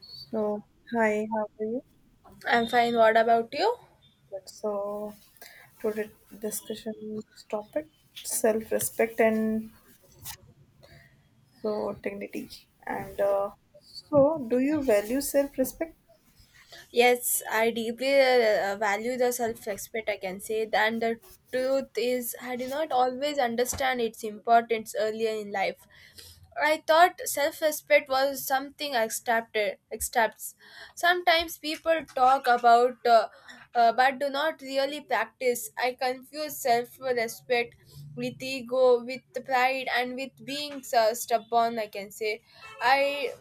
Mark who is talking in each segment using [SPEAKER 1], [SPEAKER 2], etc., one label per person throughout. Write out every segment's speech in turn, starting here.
[SPEAKER 1] So, hi, how are you?
[SPEAKER 2] I'm fine. What about you?
[SPEAKER 1] Good. So, today discussion topic self-respect and so dignity. And so, do you value self-respect?
[SPEAKER 2] Yes, I deeply value the self-respect, I can say, and the truth is, I did not always understand its importance earlier in life. I thought self-respect was something I accepted. Accepts. Sometimes people talk about, but do not really practice. I confuse self-respect with ego, with pride, and with being stubborn, I can say. I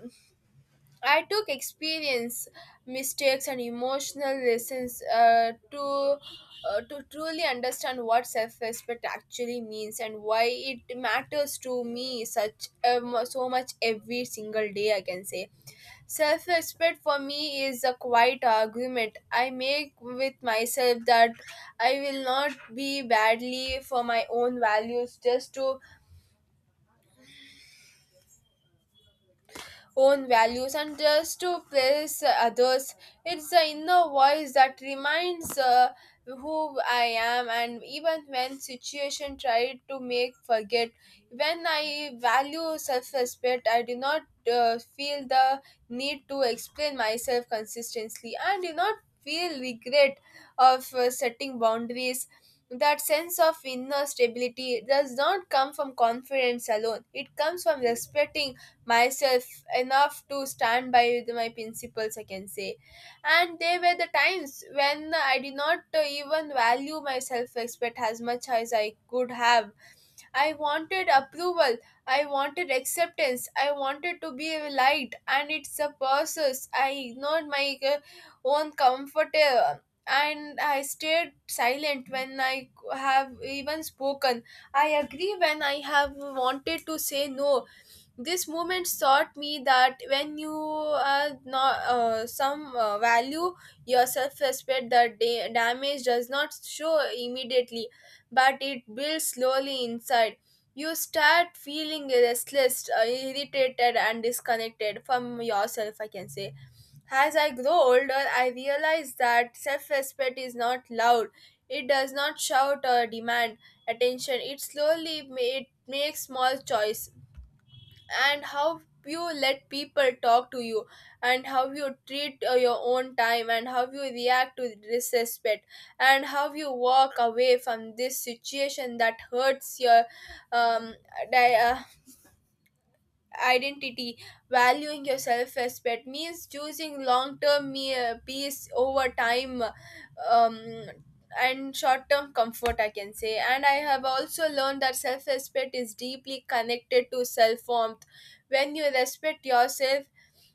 [SPEAKER 2] I took experience, mistakes, and emotional lessons to truly understand what self-respect actually means and why it matters to me such so much every single day. I can say self-respect for me is a quiet argument I make with myself that I will not be badly for my own values just to own values and just to please others. It's the inner voice that reminds who I am, and even when situation tried to make forget, when I value self-respect, I do not feel the need to explain myself consistently, I do not feel regret of setting boundaries. That sense of inner stability does not come from confidence alone. It comes from respecting myself enough to stand by with my principles, I can say. And there were the times when I did not even value my self-respect as much as I could have. I wanted approval, I wanted acceptance, I wanted to be liked, and it's a process. I ignored my own comfort, and I stayed silent when I have even spoken. I agree when I have wanted to say no. This moment taught me that when you are not some value your self-respect, the damage does not show immediately, but it builds slowly inside. You start feeling restless, irritated and disconnected from yourself, I can say. As I grow older, I realize that self-respect is not loud. It does not shout or demand attention. It slowly it makes small choice. And how you let people talk to you, and how you treat your own time, and how you react to disrespect, and how you walk away from this situation that hurts your um, di- uh, identity. Valuing your self-respect means choosing long-term peace over time um, and short-term comfort, I can say. And I have also learned that self-respect is deeply connected to self-warmth. When you respect yourself,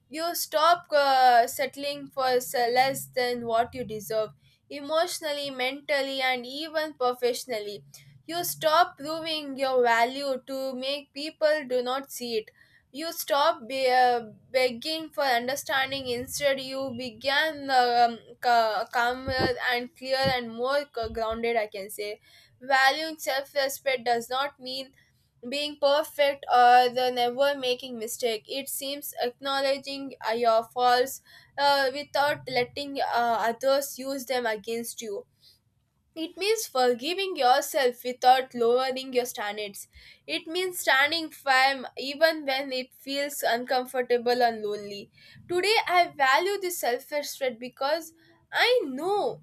[SPEAKER 2] you stop settling for less than what you deserve, emotionally, mentally, and even professionally. You stop proving your value to make people do not see it. You stop begging for understanding. Instead, you began calmer and clear and more grounded, I can say. Valuing self-respect does not mean being perfect or the never making mistake. It seems acknowledging your faults without letting others use them against you. It means forgiving yourself without lowering your standards. It means standing firm even when it feels uncomfortable and lonely. Today I value this self-respect because I know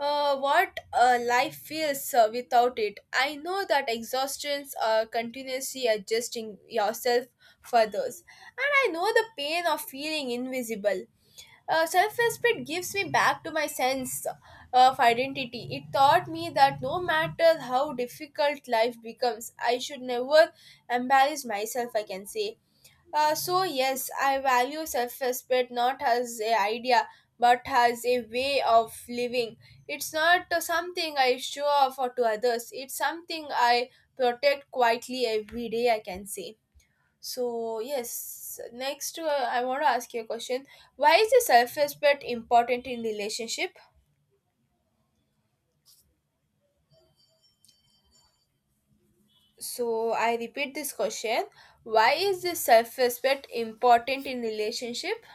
[SPEAKER 2] what life feels without it. I know that exhaustions are continuously adjusting yourself for those, and I know the pain of feeling invisible. Self respect gives me back to my sense of identity. It taught me that no matter how difficult life becomes, I should never embarrass myself, I can say. So yes, I value self-respect not as a idea but as a way of living. It's not something I show off or to others. It's something I protect quietly every day, I can say. So yes, next I want to ask you a question. Why is the self-respect important in relationship? So I repeat this question. Why is the self-respect important in relationship?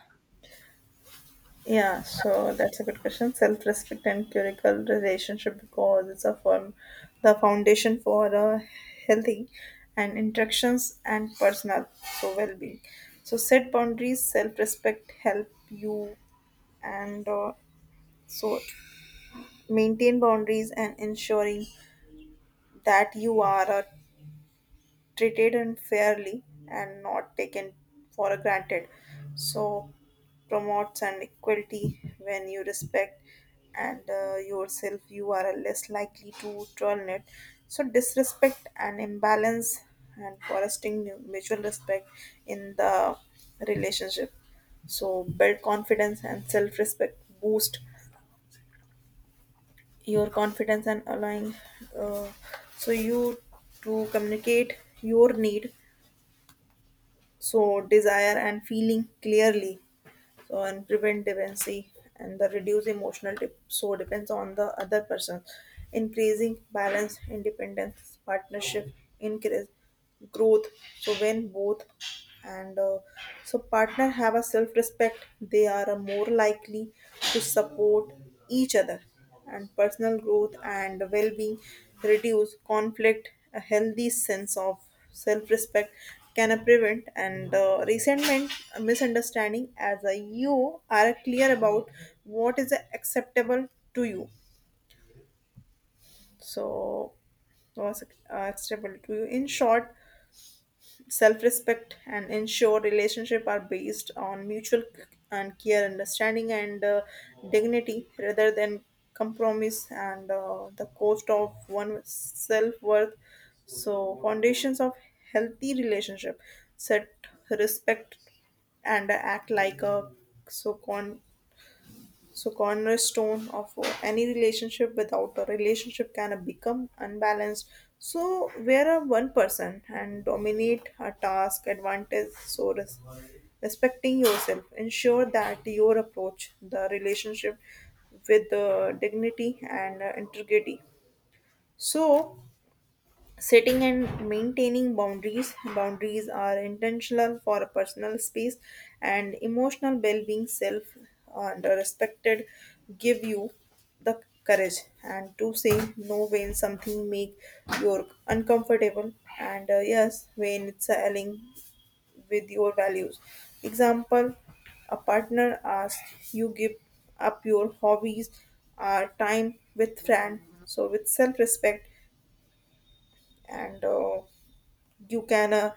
[SPEAKER 1] Yeah, so that's a good question. Self-respect and curical relationship because it's a form, the foundation for a healthy and interactions and personal so well-being. So set boundaries, self-respect help you, and so maintain boundaries and ensuring that you are treated unfairly and not taken for granted so promotes an equality when you respect and yourself you are less likely to tolerate so disrespect and imbalance and fostering mutual respect in the relationship so build confidence and self-respect boost your confidence and allowing uh, so you to communicate your need so desire and feeling clearly so and prevent dependency and the reduce emotional dip, so depends on the other person increasing balance independence partnership increase growth so when both and so partner have a self respect they are more likely to support each other and personal growth and well-being reduce conflict a healthy sense of self-respect can prevent and resentment misunderstanding as a you are clear about what is acceptable to you so was acceptable to you in short self respect and ensure relationship are based on mutual and care understanding and dignity rather than compromise and the cost of one self worth so foundations of healthy relationship set respect and act like a so con so, cornerstone of any relationship without a relationship can become unbalanced. So, where a one person and dominate a task advantage. So, respecting yourself, ensure that your approach the relationship with dignity and integrity. So, setting and maintaining boundaries boundaries are intentional for personal space and emotional well-being self and respected give you the courage and to say no when something make you uncomfortable and yes when it's aligning with your values example a partner asks you give up your hobbies time with friend so with self-respect and you can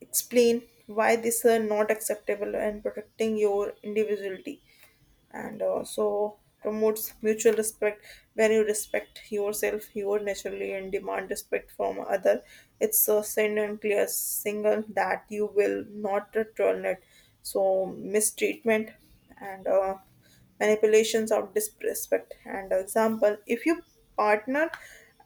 [SPEAKER 1] explain why this are not acceptable and protecting your individuality and also promotes mutual respect when you respect yourself you are naturally and demand respect from other it's a send and clear signal that you will not tolerate so mistreatment and manipulations of disrespect. And example, if you partner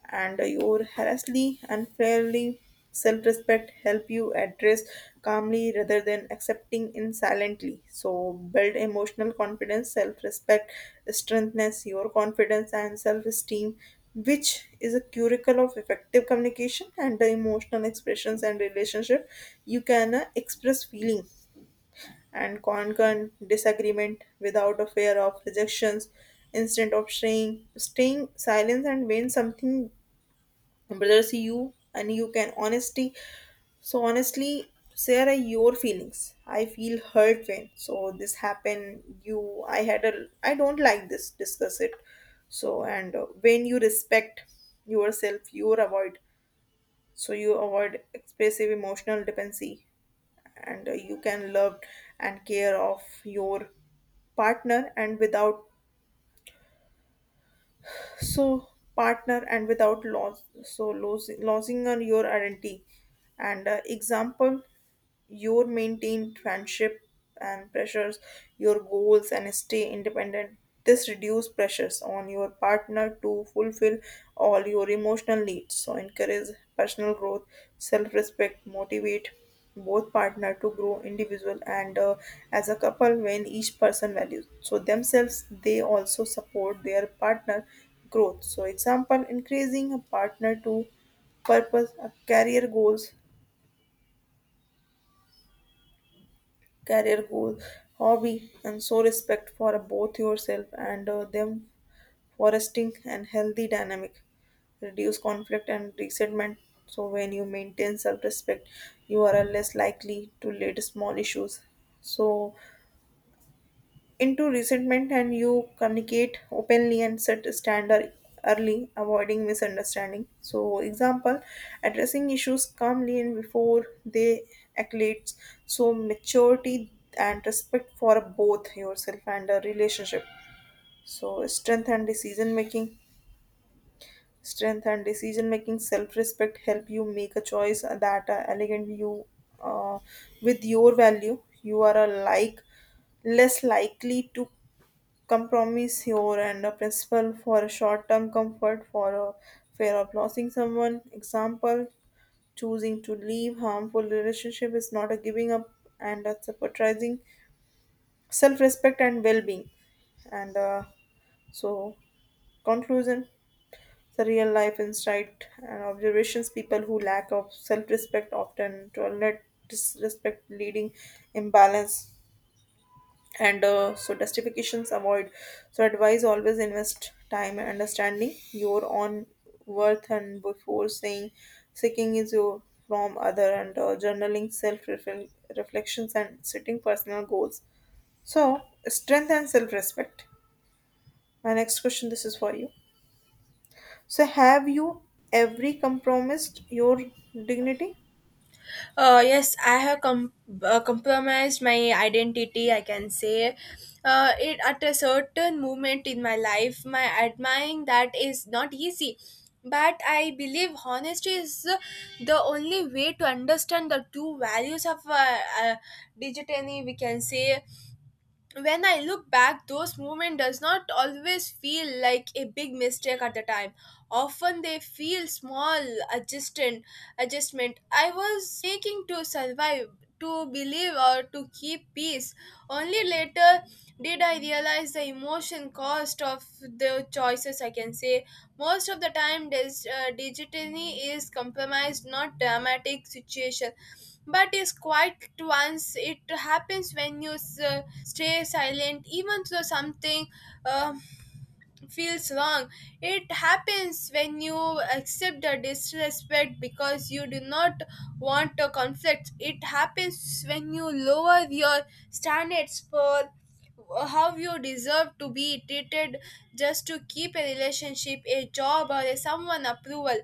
[SPEAKER 1] and your harassly, unfairly, self-respect help you address calmly rather than accepting in silently. So build emotional confidence, self-respect, strengthens your confidence and self-esteem, which is a curricle of effective communication and the emotional expressions and relationship. You can express feeling and conquer disagreement without a fear of rejections instead of staying silent and when something bothers you and you can honesty so honestly share are your feelings I feel hurt when so this happened you I had a I don't like this discuss it so and when you respect yourself you avoid you avoid expressive emotional dependency and you can love and care of your partner and without so partner and without loss so losing on your identity and example your maintained friendship and pressures your goals and stay independent this reduce pressures on your partner to fulfill all your emotional needs so encourage personal growth self-respect motivate both partner to grow individual and as a couple when each person values so themselves they also support their partner growth so example increasing a partner to purpose career goals career goal, hobby, and so respect for both yourself and them fostering and healthy dynamic. Reduce conflict and resentment. So when you maintain self-respect, you are less likely to lead small issues. So into resentment and you communicate openly and set a standard early avoiding misunderstanding so example addressing issues calmly and before they escalate so maturity and respect for both yourself and the relationship so strength and decision making strength and decision making self respect help you make a choice that elegant you uh, with your value you are a like less likely to compromise here and a principle for a short-term comfort for a fear of losing someone. Example, choosing to leave harmful relationship is not a giving up and a prioritizing self-respect and well-being. And so, conclusion, the real life insight and observations, people who lack of self-respect often tolerate disrespect leading imbalance and so justifications avoid so advise always invest time and understanding your own worth and before saying seeking is your from other and journaling self reflections and setting personal goals so strength and self respect my next question this is for you so have you every compromised your dignity
[SPEAKER 2] Yes, I have compromised my identity, I can say. It at a certain moment in my life, my admiring that is not easy. But I believe honesty is the only way to understand the true values of digitally, we can say. When I look back, those moments does not always feel like a big mistake at the time. Often they feel small adjustment adjustment I was making to survive, to believe or to keep peace. Only later did I realize the emotion cost of the choices, I can say. Most of the time digitally is compromised not dramatic situation, but is quiet once it happens. When you stay silent even though something uh, feels wrong, it happens. When you accept the disrespect because you do not want a conflict, it happens. When you lower your standards for how you deserve to be treated, just to keep a relationship, a job, or a someone approval.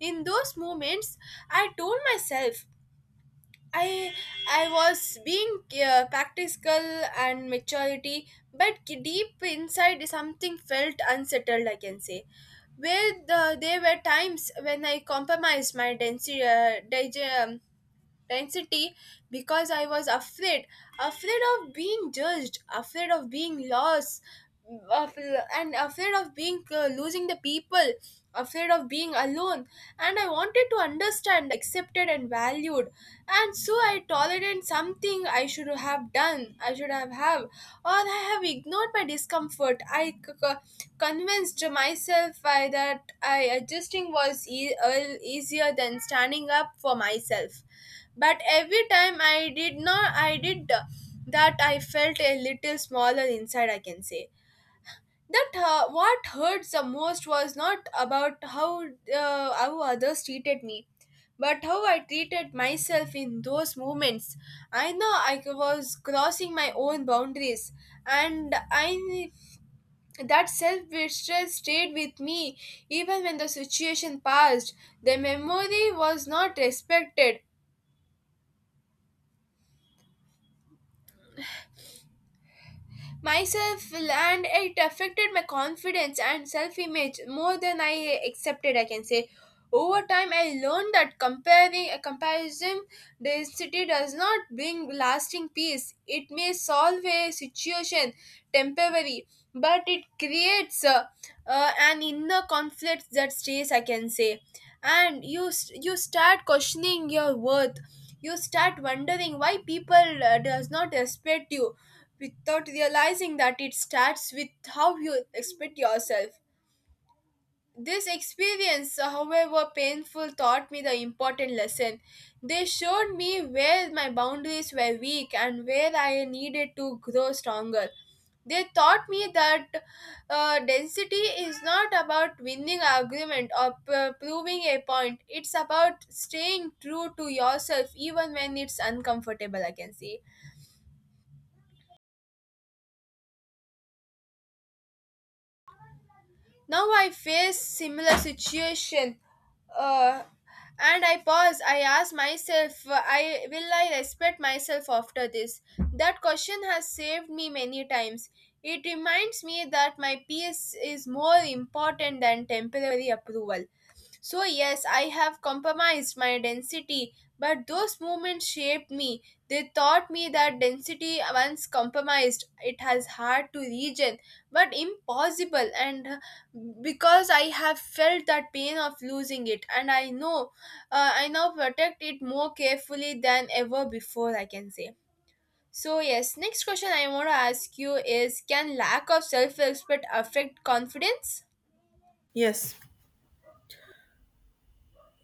[SPEAKER 2] In those moments, I told myself I I was being practical and maturity, but deep inside something felt unsettled, I can say. Where the, there were times when I compromised my density, intensity, because I was afraid. Afraid of being judged, afraid of being lost, of, and afraid of being losing the people, afraid of being alone. And I wanted to understand, accepted, and valued. And so I tolerated something I should have done, I should have, or I have ignored my discomfort. I convinced myself I, that I adjusting was easier than standing up for myself. But every time I did not, I did that, I felt a little smaller inside, I can say. That what hurt the most was not about how others treated me, but how I treated myself in those moments. I know I was crossing my own boundaries, and I that self betrayal stayed with me even when the situation passed. The memory was not respected myself, and it affected my confidence and self-image more than I accepted, I can say. Over time I learned that comparing a comparison density does not bring lasting peace. It may solve a situation temporary, but it creates an inner conflict that stays, I can say. And you you start questioning your worth. You start wondering why people does not respect you, without realizing that it starts with how you expect yourself. This experience, however painful, taught me the important lesson. They showed me where my boundaries were weak and where I needed to grow stronger. They taught me that density is not about winning argument or proving a point. It's about staying true to yourself even when it's uncomfortable, I can say. Now I face similar situation, uh, and I pause. I ask myself, I will I respect myself after this. That question has saved me many times. It reminds me that my peace is more important than temporary approval. So yes, I have compromised my density, but those movements shaped me. They taught me that density, once compromised, it has hard to regain, but impossible. And Because I have felt that pain of losing it, and I know I now protect it more carefully than ever before, I can say. So yes, next question I want to ask you is can lack of self respect affect confidence?
[SPEAKER 1] yes.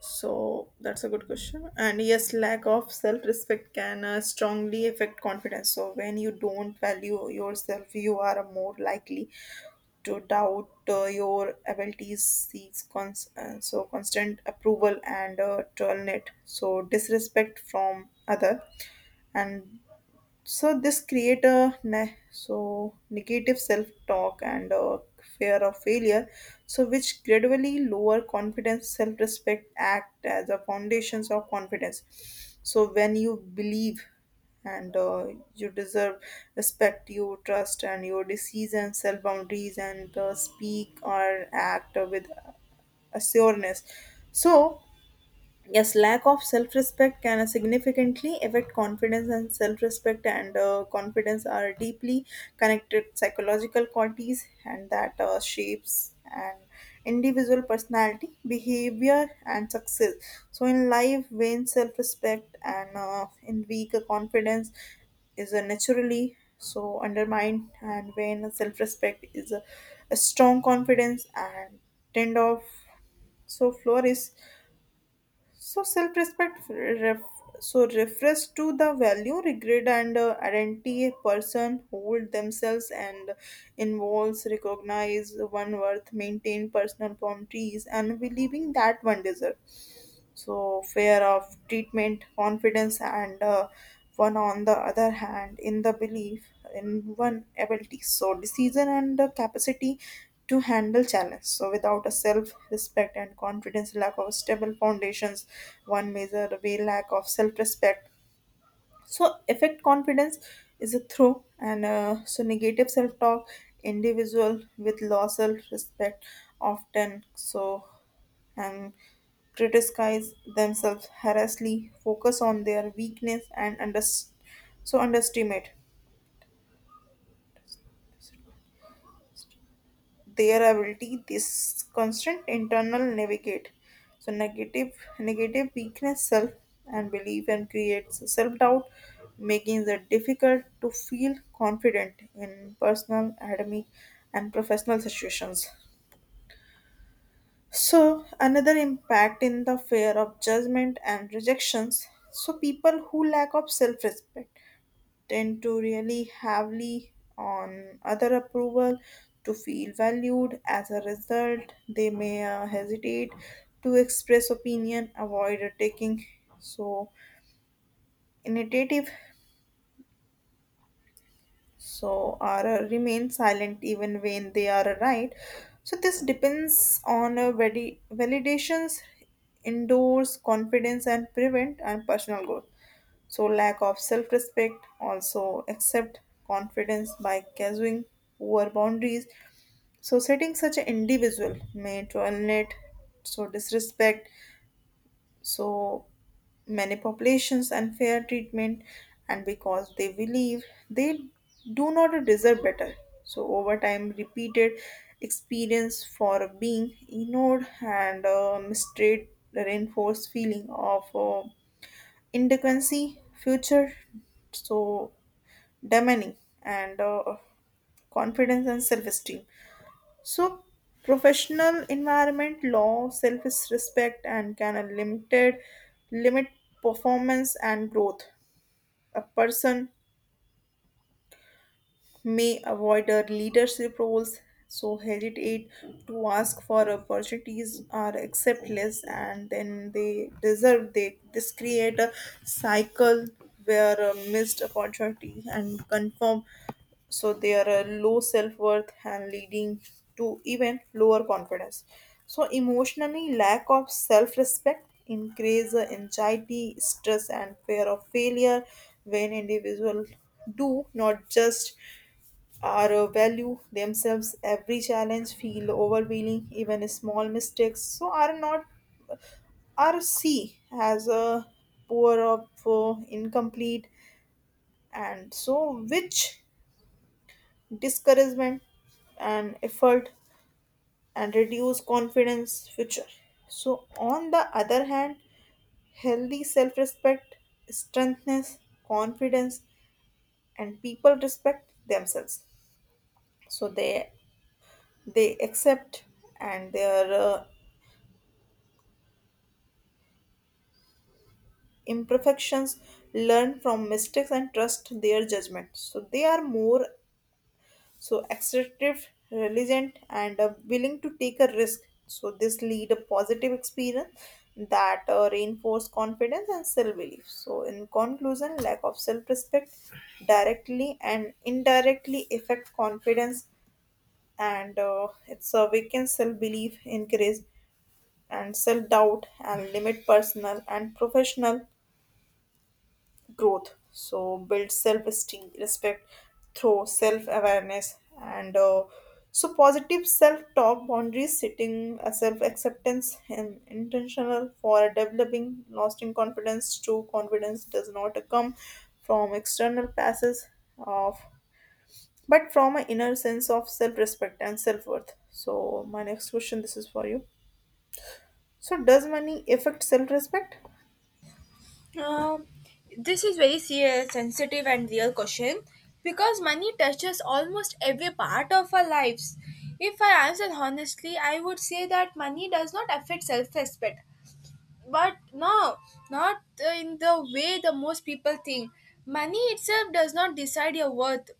[SPEAKER 1] So that's a good question. And yes, lack of self respect can strongly affect confidence. So when you don't value yourself, you are more likely to doubt your abilities, so constant approval and tolerate so disrespect from other and so this create a so negative self-talk and a fear of failure, so which gradually lower confidence, self-respect act as a foundations of confidence. So when you believe and you deserve respect, you trust and your decisions, self-boundaries and speak or act with assuredness. So Yes, lack of self respect can significantly affect confidence, and self respect and confidence are deeply connected psychological qualities, and that shapes an individual personality, behavior, and success. So, in life, vain self respect and in weak confidence is naturally so undermined, and vain self respect is a strong confidence and tend of so flourish so so refers to the value, regret, and identity a person hold themselves and involves recognize one worth, maintain personal boundaries, and believing that one deserve. So, fear of treatment, confidence, and one on the other hand, in the belief in one ability. So, decision and the capacity to handle challenge. So, without a self respect and confidence, lack of stable foundations, one measure way lack of self respect. So, affect confidence is a through, and so negative self talk, individual with low self respect often so and criticize themselves harshly, focus on their weakness, and so underestimate their ability. This constant internal navigate, so negative, negative weakness, self and belief, and creates self doubt, making it difficult to feel confident in personal, academic, and professional situations. So, another impact in the fear of judgment and rejections. So, people who lack of self respect tend to really heavily on other approval to feel valued. As a result, they may hesitate to express opinion, avoid taking so initiative, so or remain silent even when they are right. So this depends on validations, endorse confidence, and prevent and personal growth. So, lack of self respect, also accept confidence by casuing poor boundaries. So, setting such an individual may tolerate so disrespect, so many populations unfair treatment, and because they believe they do not deserve better. So, over time, repeated experience for being ignored and mistreated reinforce feeling of. Inadequacy, future, so demony and confidence and self-esteem. So professional environment, law, self-respect and can a limit performance and growth. A person may avoid our leadership roles, so hesitate to ask for opportunities or accept less, and then they deserve. They this create a cycle where a missed opportunity and confirm, so they are a low self worth and leading to even lower confidence. So emotionally, lack of self respect increase the anxiety, stress, and fear of failure when individuals do not just are value themselves every challenge feel overwhelming even small mistakes so are not are see as a poor of incomplete and so which discouragement and effort and reduce confidence future so on the other hand healthy self-respect strengthness confidence and people respect themselves so they accept and their imperfections learn from mistakes and trust their judgment so they are more so assertive resilient and willing to take a risk so this lead a positive experience that reinforce confidence and self-belief so in conclusion lack of self-respect directly and indirectly affect confidence and it's a weaken self-belief increase and self-doubt and limit personal and professional growth. So build self-esteem, respect through self-awareness, and so positive self-talk, boundaries, setting a self-acceptance, and intentional for developing lasting confidence. True confidence does not come from external passes of, but from an inner sense of self-respect and self-worth. So my next question, this is for you. So does money affect self-respect?
[SPEAKER 2] Um, this is very serious, sensitive, and real question because money touches almost every part of our lives. If I answer honestly, I would say that money does not affect self-respect, but no, not in the way the most people think. Money itself does not decide your worth,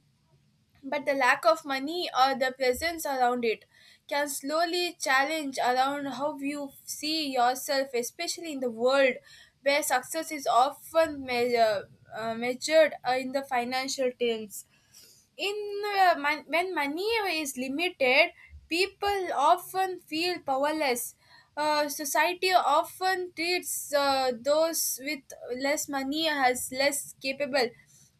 [SPEAKER 2] but the lack of money or the presence around it can slowly challenge around how you see yourself, especially in the world where success is often measure, measured in the financial terms. In when money is limited, people often feel powerless. Society often treats those with less money as less capable,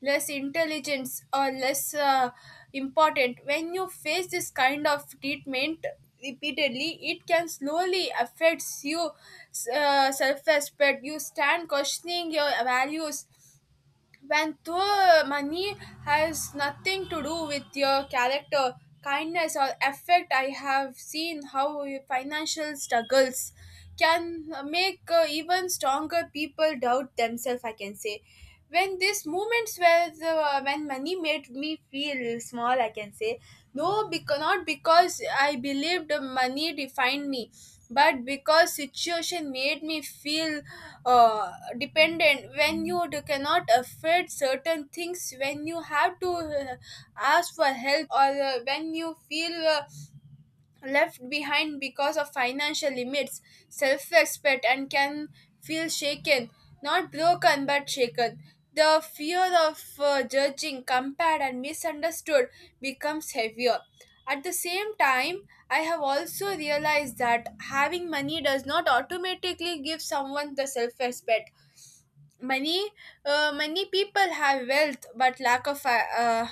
[SPEAKER 2] less intelligence, or less important. When you face this kind of treatment repeatedly, it can slowly affects you self-respect. You stand questioning your values when poor money has nothing to do with your character, kindness, or effect. I have seen how financial struggles can make even stronger people doubt themselves, I can say. When these moments where the, when money made me feel small, I can say no, because not because I believed money defined me, but because situation made me feel uh, dependent. When you cannot afford certain things, when you have to ask for help, or when you feel left behind because of financial limits, self respect, and can feel shaken, not broken but shaken. The fear of judging, compared, and misunderstood becomes heavier. At the same time, I have also realized that having money does not automatically give someone the self respect. Many, many people have wealth but lack of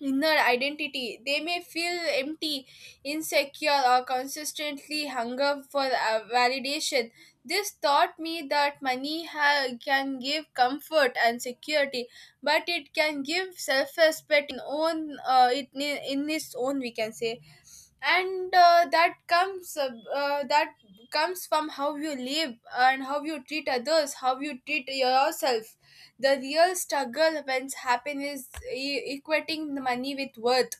[SPEAKER 2] inner identity. They may feel empty, insecure, or consistently hunger for validation. This taught me that money can give comfort and security, but it can give self-respect in own it, in its own, we can say. And that comes that comes from how you live, and how you treat others, how you treat yourself. The real struggle when happiness is equating the money with worth.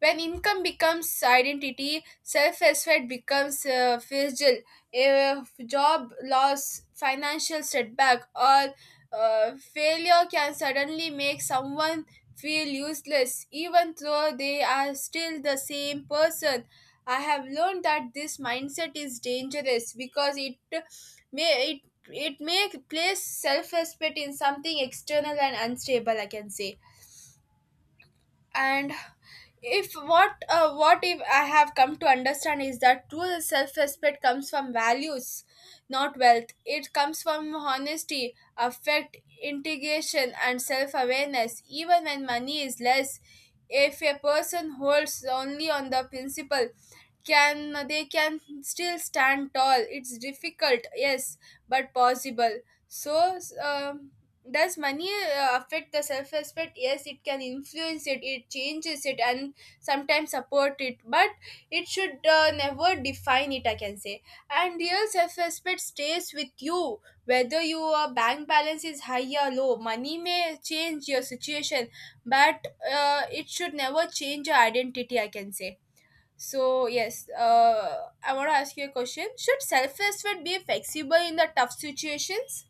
[SPEAKER 2] When income becomes identity, self respect becomes fragile. If job loss, financial setback, or failure can suddenly make someone feel useless, even though they are still the same person. I have learned that this mindset is dangerous because may it it may place self respect in something external and unstable, I can say. And if what what if I have come to understand is that true self-respect comes from values, not wealth. It comes from honesty, affect integration and self-awareness even when money is less. If a person holds only on the principle, can they can still stand tall. It's difficult, yes, but possible. So um, does money affect the self respect? Yes, it can influence it, it changes it, and sometimes support it, but it should never define it, I can say. And real self respect stays with you whether your bank balance is high or low. Money may change your situation, but it should never change your identity, I can say. So yes, I want to ask you a question. Should self-respect be flexible in the tough situations?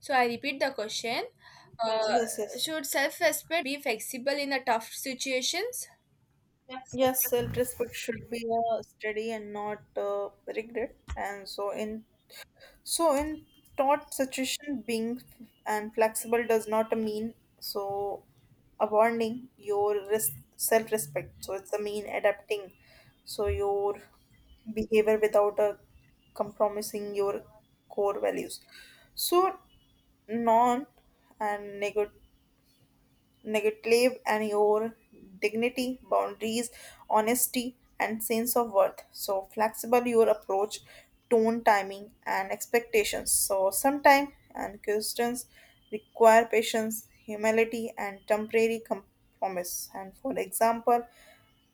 [SPEAKER 2] So I repeat the question. Uh,
[SPEAKER 1] Yes, yes.
[SPEAKER 2] should self-respect be flexible in the tough situations?
[SPEAKER 1] Yes, self-respect should be a study and not regret. And so in thought situation, being and flexible does not mean so abandoning your self-respect. So it's a mean adapting. So your behavior without a compromising your core values. So non and negative negative and your dignity, boundaries, honesty, and sense of worth. So flexible your approach, tone, timing, and expectations. So sometimes and questions require patience, humility, and temporary compromise. And for example,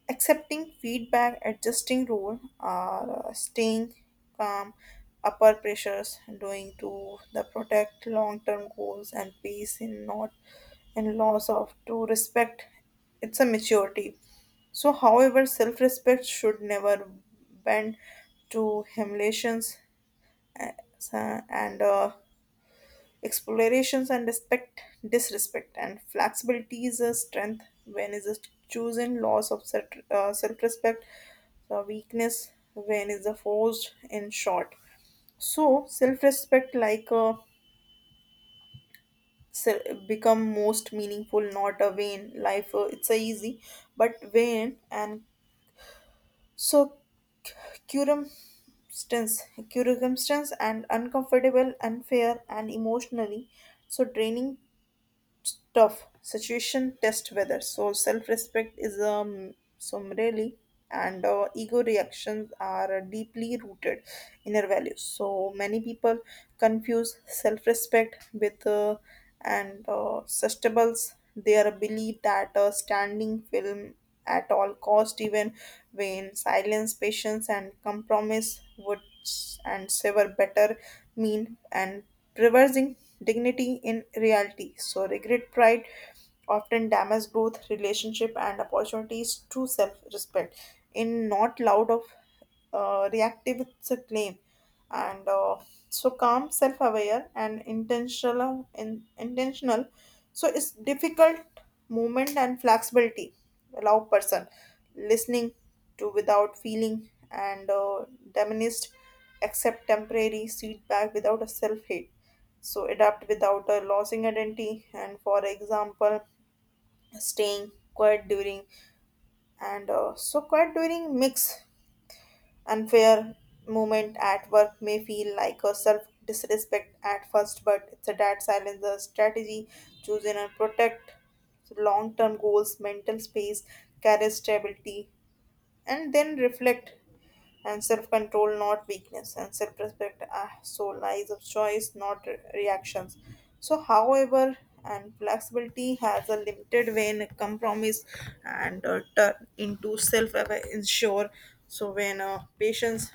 [SPEAKER 1] accepting feedback, adjusting rule, or staying calm, upper pressures, doing to the protect long-term goals and peace in not in loss of to respect. It's a maturity. So, however, self-respect should never bend to humiliations uh, and Explorations and respect, disrespect, and flexibility is a strength when is a chosen loss of self uh, respect, a weakness when is a forced in short. So, self respect like a become most meaningful, not a vain life. It's a easy, but vain and so circumstance, circumstance and uncomfortable, unfair, and emotionally so draining tough situation test whether. So self-respect is some really and ego reactions are deeply rooted inner values. So many people confuse self-respect with and sustables their belief that a standing film at all cost even when silence patience and compromise would and sever better mean and reversing dignity in reality. So, regret, pride often damage growth, relationship, and opportunities to self respect. In not loud of reactive, it's a claim. And so, calm, self aware, and intentional, intentional. So, it's difficult movement and flexibility. Allow person listening to without feeling and diminished accept temporary setback without a self-hate so adapt without a losing identity and for example staying quiet during and so quiet during mix unfair moment at work may feel like a self disrespect at first but it's a dad silence a strategy choosing and protect long term goals mental space carries stability and then reflect and self-control not weakness and self-respect so lies of choice not reactions so however and flexibility has a limited when compromise and turn into self-ensure so when patients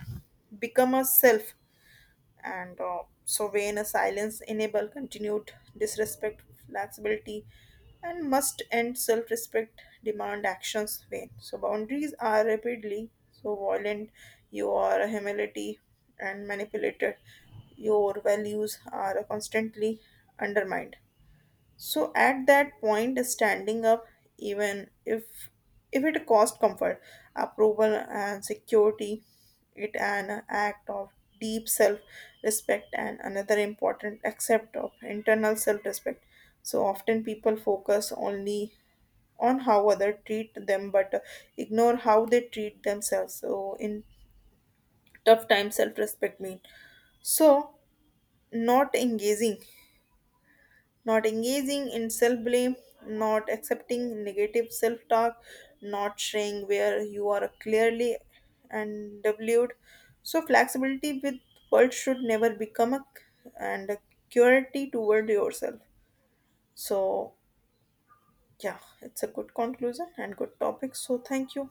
[SPEAKER 1] become a self and so vain a silence enable continued disrespect flexibility and must end self-respect demand actions vain so boundaries are rapidly so violent you are humility and manipulated your values are constantly undermined so at that point, standing up, even if it cost comfort, approval, and security, it an act of deep self-respect and another important accept of internal self-respect. So often people focus only on how other treat them, but ignore how they treat themselves. So in tough times, self-respect means so not engaging not engaging in self blame, not accepting negative self talk, not sharing where you are clearly and undervalued. So, flexibility with world should never become a and a curiosity toward yourself. So, yeah, it's a good conclusion and good topic. So, thank you.